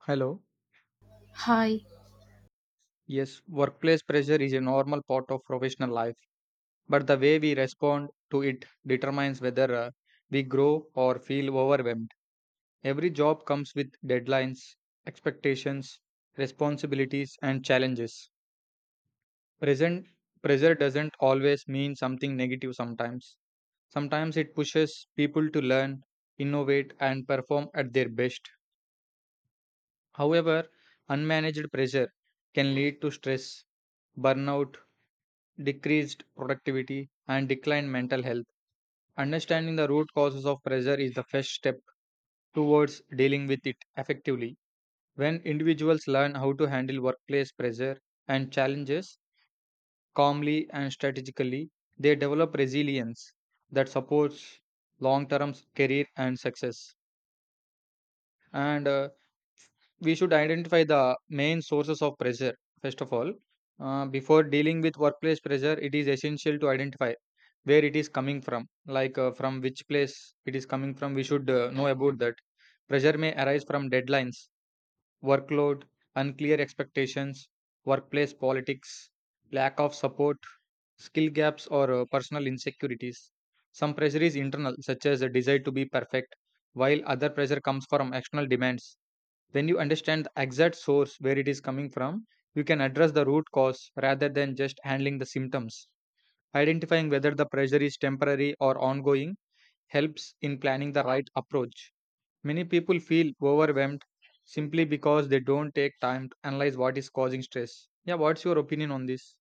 Hello. Hi. Yes, workplace pressure is a normal part of professional life, but the way we respond to it determines whether we grow or feel overwhelmed. Every job comes with deadlines, expectations, responsibilities, and challenges. Present pressure doesn't always mean something negative sometimes. Sometimes it pushes people to learn, innovate, and perform at their best. However, unmanaged pressure can lead to stress, burnout, decreased productivity, and declined mental health. Understanding the root causes of pressure is the first step towards dealing with it effectively. When individuals learn how to handle workplace pressure and challenges calmly and strategically, they develop resilience that supports long term career and success. And We should identify the main sources of pressure first of all. Before dealing with workplace pressure, it is essential to identify where it is coming from, like from which place it is coming from. We should know about that. Pressure may arise from deadlines, workload, unclear expectations, workplace politics, lack of support, skill gaps, or personal insecurities. Some pressure is internal, such as a desire to be perfect, while other pressure comes from external demands. When you understand the exact source where it is coming from, you can address the root cause rather than just handling the symptoms. Identifying whether the pressure is temporary or ongoing helps in planning the right approach. Many people feel overwhelmed simply because they don't take time to analyze what is causing stress. Yeah, what's your opinion on this?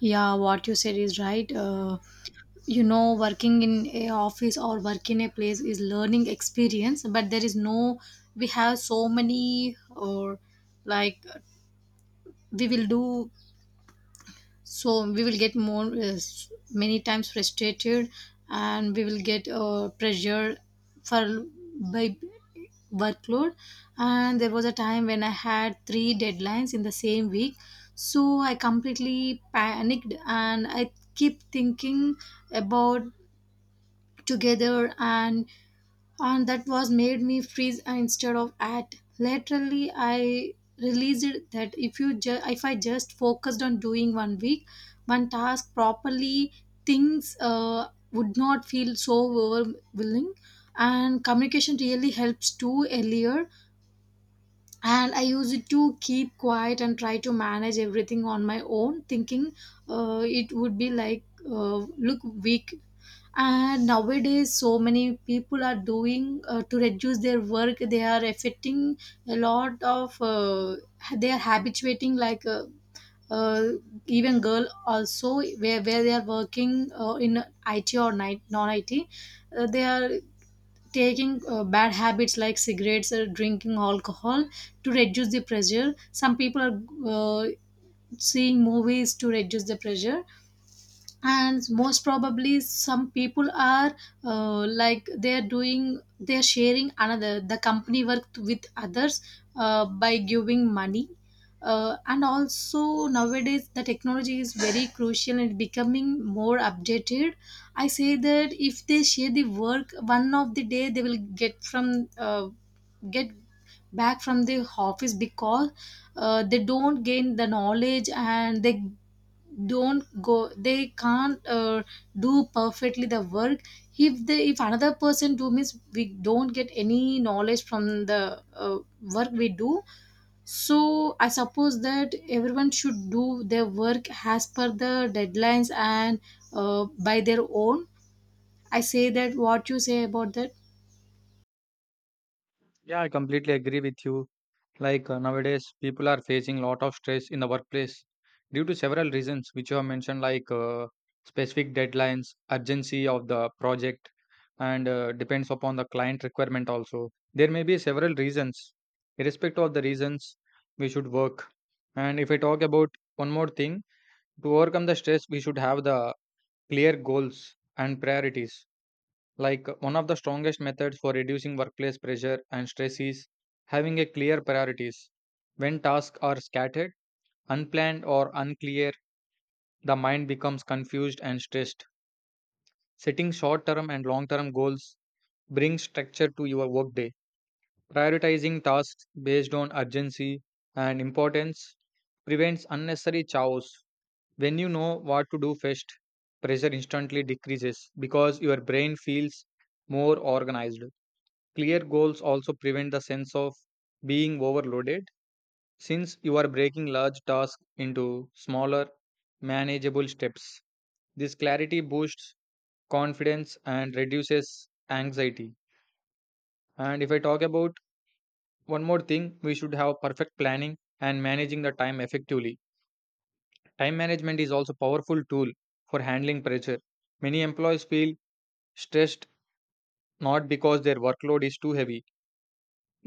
Yeah, what you said is right. Working in a office or work in a place is learning experience, but there is no. We have so many, or like we will do, so we will get more many times frustrated, and we will get pressure for by workload. And there was a time when I had three deadlines in the same week, so I completely panicked and I keep thinking about together, and that was made me freeze instead of act laterally. I realized that if you ju- if I just focused on doing one week one task properly, things would not feel so overwhelming. And communication really helps too. Earlier, and I use it to keep quiet and try to manage everything on my own, thinking it would be like look weak. And nowadays so many people are doing to reduce their work, they are affecting a lot of they are habituating uh, even girl also, where they are working in IT or night, non-IT, they are taking bad habits like cigarettes or drinking alcohol to reduce the pressure. Some people are seeing movies to reduce the pressure. And most probably some people are like they're doing, they're sharing another the company work with others by giving money. And also nowadays the technology is very crucial and becoming more updated. I say that if they share the work one of the day, they will get from get back from the office because they don't gain the knowledge, and they don't go, they can't do perfectly the work. If they, if another person do means, we don't get any knowledge from the work we do. So I suppose that everyone should do their work as per the deadlines and by their own. I say that what you say about that. Yeah, I completely agree with you. Like nowadays, people are facing lot of stress in the workplace due to several reasons, which you have mentioned, like specific deadlines, urgency of the project, and depends upon the client requirement also. There may be several reasons. Irrespective of the reasons, we should work. And if I talk about one more thing, to overcome the stress, we should have the clear goals and priorities. Like, one of the strongest methods for reducing workplace pressure and stress is having a clear priorities. When tasks are scattered, unplanned or unclear, the mind becomes confused and stressed. Setting short-term and long-term goals brings structure to your workday. Prioritizing tasks based on urgency and importance prevents unnecessary chaos. When you know what to do first, pressure instantly decreases because your brain feels more organized. Clear goals also prevent the sense of being overloaded since you are breaking large tasks into smaller, manageable steps. This clarity boosts confidence and reduces anxiety. And if I talk about one more thing, we should have perfect planning and managing the time effectively. Time management is also powerful tool for handling pressure. Many employees feel stressed not because their workload is too heavy,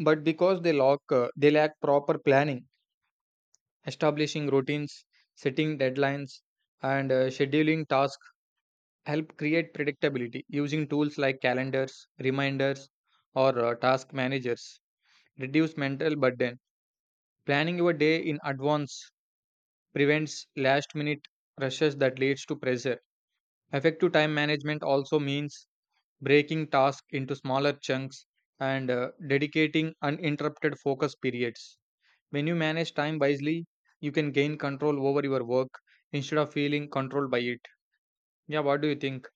but because they lack proper planning. Establishing routines, setting deadlines, and scheduling tasks help create predictability. Using tools like calendars, reminders, or task managers reduce mental burden. Planning your day in advance prevents last minute rushes that leads to pressure. Effective time management also means breaking tasks into smaller chunks and dedicating uninterrupted focus periods. When you manage time wisely, you can gain control over your work instead of feeling controlled by it. Yeah, what do you think?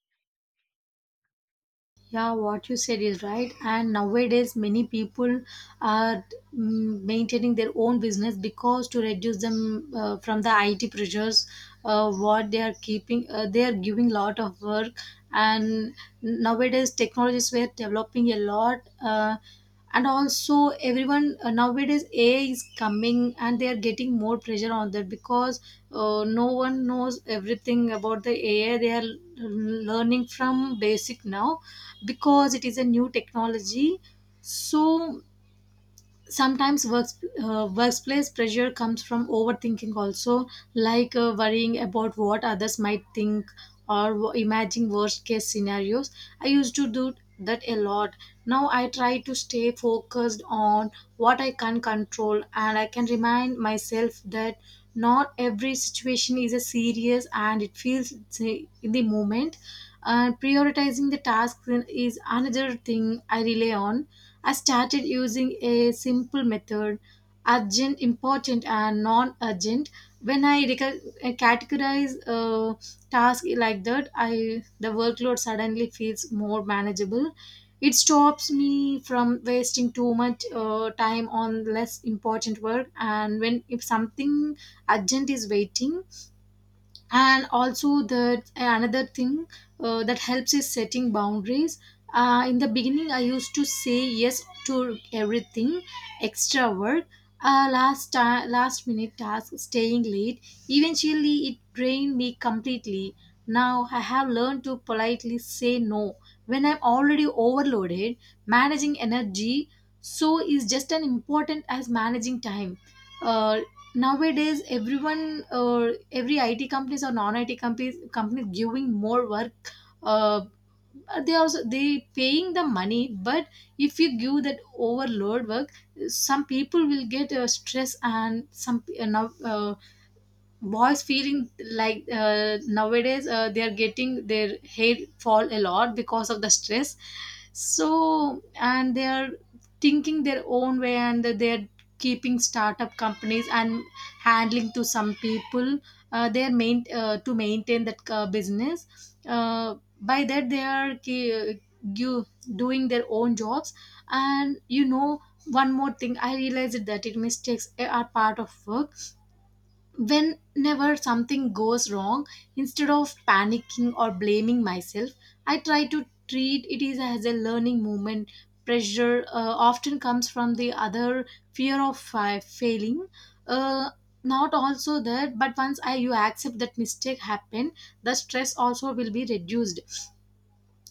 Yeah, what you said is right. And nowadays, many people are maintaining their own business because to reduce them from the IT pressures, what they are keeping, they are giving lot of work. And nowadays, technologies were developing a lot. And also everyone, nowadays AI is coming and they are getting more pressure on that because no one knows everything about the AI. They are learning from basic now because it is a new technology. So sometimes workplace pressure comes from overthinking also, like worrying about what others might think, or imagining worst case scenarios. I used to do that a lot. Now I try to stay focused on what I can control, and I can remind myself that not every situation is a serious and it feels say, in the moment. And prioritizing the tasks is another thing I rely on. I started using a simple method: urgent, important, and non urgent. I categorize a task like that, I the workload suddenly feels more manageable. It stops me from wasting too much time on less important work. And when if something urgent is waiting, and also the another thing that helps is setting boundaries. In the beginning I used to say yes to everything, extra work, last minute tasks, staying late. Eventually it drained me completely. Now I have learned to politely say no when I'm already overloaded. Managing energy so is just as important as managing time. Uh, Nowadays everyone, every IT companies or non IT companies giving more work. uh, they also they paying the money, but if you give that overload work, some people will get stress, and some now boys feeling like nowadays they are getting their hair fall a lot because of the stress. So and they are thinking their own way, and they are keeping startup companies and handling to some people. They are main to maintain that business, by that they are you doing their own jobs. And you know, one more thing I realized that it mistakes are part of work. Whenever something goes wrong, instead of panicking or blaming myself, I try to treat it is as a learning moment. Pressure often comes from the other fear of failing. uh, Not also that, but once I you accept that mistake happened, the stress also will be reduced.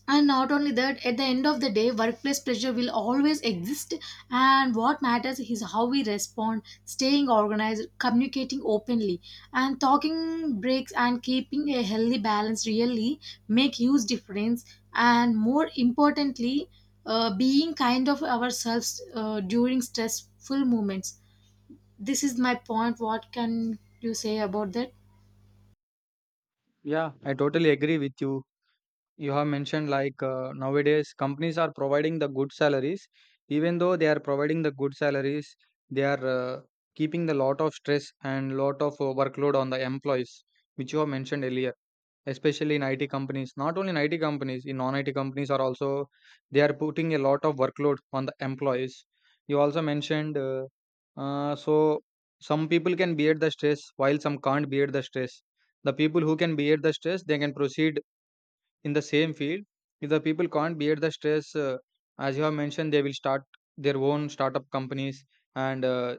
And not only that, at the end of the day, workplace pressure will always exist. And what matters is how we respond: staying organized, communicating openly, and talking breaks and keeping a healthy balance really make huge difference. And more importantly, being kind of ourselves during stressful moments. This is my point. What can you say about that? Yeah, I totally agree with you. You have mentioned, like nowadays companies are providing the good salaries. Even though they are providing the good salaries, they are keeping the lot of stress and lot of workload on the employees, which you have mentioned earlier, especially in IT companies. Not only in IT companies, in non-IT companies are also they are putting a lot of workload on the employees. You also mentioned so some people can bear the stress while some can't bear the stress. The people who can bear the stress they can proceed in the same field. If the people can't bear the stress, as you have mentioned, they will start their own startup companies and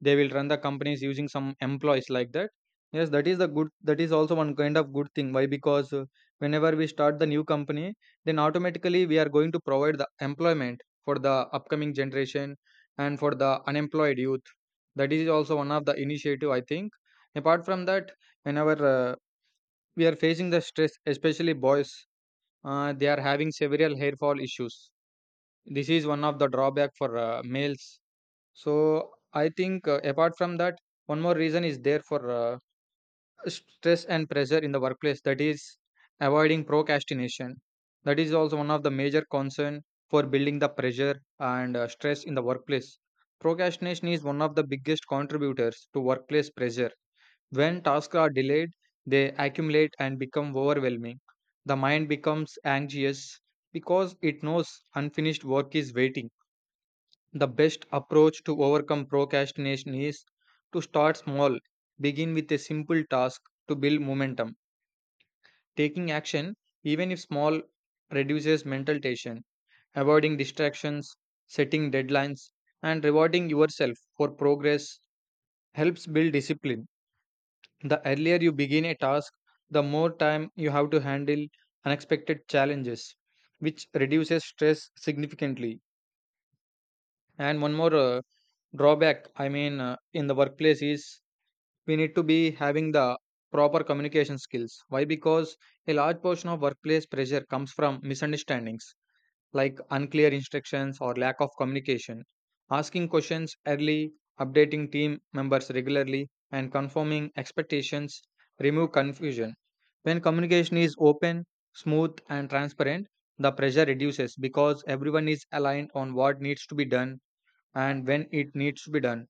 they will run the companies using some employees like that. Yes, that is the good that is also one kind of good thing. Why? Because whenever we start the new company, then automatically we are going to provide the employment for the upcoming generation and for the unemployed youth. That is also one of the initiative, I think. Apart from that, whenever we are facing the stress, especially boys, they are having several hair fall issues. This is one of the drawback for males. So I think apart from that, one more reason is there for stress and pressure in the workplace. That is avoiding procrastination. That is also one of the major concern for building the pressure and stress in the workplace. Procrastination is one of the biggest contributors to workplace pressure. When tasks are delayed, they accumulate and become overwhelming. The mind becomes anxious because it knows unfinished work is waiting. The best approach to overcome procrastination is to start small. Begin with a simple task to build momentum. Taking action, even if small, reduces mental tension. Avoiding distractions, setting deadlines, and rewarding yourself for progress helps build discipline. The earlier you begin a task, the more time you have to handle unexpected challenges, which reduces stress significantly. And one more drawback, I mean, in the workplace is we need to be having the proper communication skills. Why? Because a large portion of workplace pressure comes from misunderstandings like unclear instructions or lack of communication. Asking questions early, updating team members regularly, and confirming expectations remove confusion. When communication is open, smooth, and transparent, the pressure reduces because everyone is aligned on what needs to be done and when it needs to be done.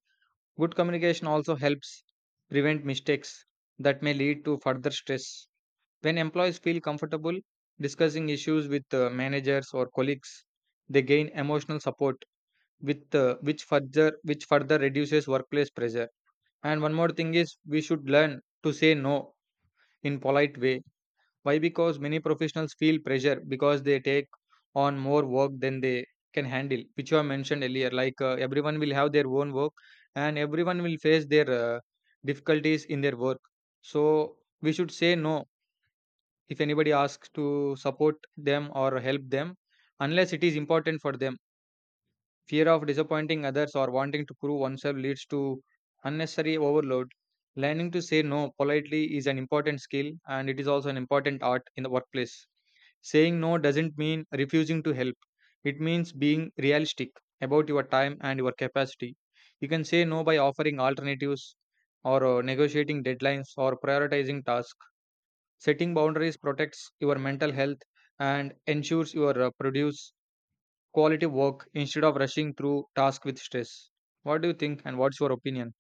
Good communication also helps prevent mistakes that may lead to further stress. When employees feel comfortable discussing issues with managers or colleagues, they gain emotional support with which further reduces workplace pressure. And one more thing is we should learn to say no in polite way. Why? Because many professionals feel pressure because they take on more work than they can handle, which I mentioned earlier. Like everyone will have their own work and everyone will face their difficulties in their work. So we should say no if anybody asks to support them or help them unless it is important for them. Fear of disappointing others or wanting to prove oneself leads to unnecessary overload. Learning to say no politely is an important skill and it is also an important art in the workplace. Saying no doesn't mean refusing to help. It means being realistic about your time and your capacity. You can say no by offering alternatives or negotiating deadlines or prioritizing tasks. Setting boundaries protects your mental health and ensures you produce quality work instead of rushing through tasks with stress. What do you think and what's your opinion?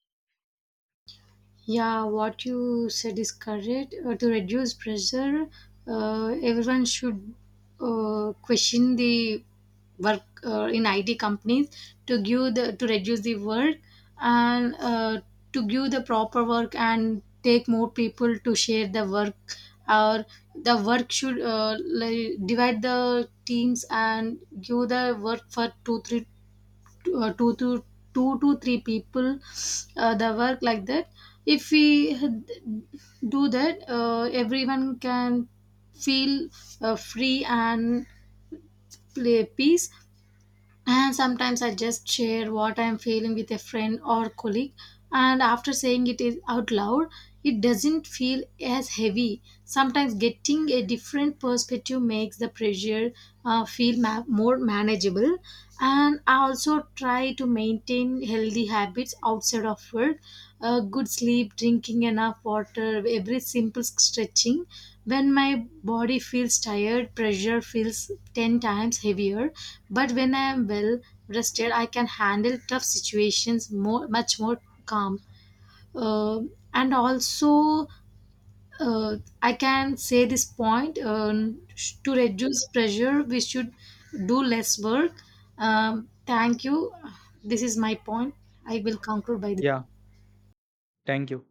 Yeah, what you said is correct. To reduce pressure, everyone should question the work in IT companies to give the to reduce the work, and to give the proper work and take more people to share the work. Or the work should like divide the teams and give the work for two three, uh, two to two to three people the work like that. If we had- Do that, everyone can feel free and play peace. And sometimes I just share what I'm feeling with a friend or colleague, and after saying it is out loud, it doesn't feel as heavy. Sometimes getting a different perspective makes the pressure feel more manageable. And I also try to maintain healthy habits outside of work: good sleep, drinking enough water, every simple stretching. When my body feels tired, pressure feels 10 times heavier. But when I am well rested, I can handle tough situations more, much more calm. Uh, and also, uh, I can say this point, to reduce pressure, we should do less work. Thank you. This is my point. I will conclude by this. Yeah, thank you.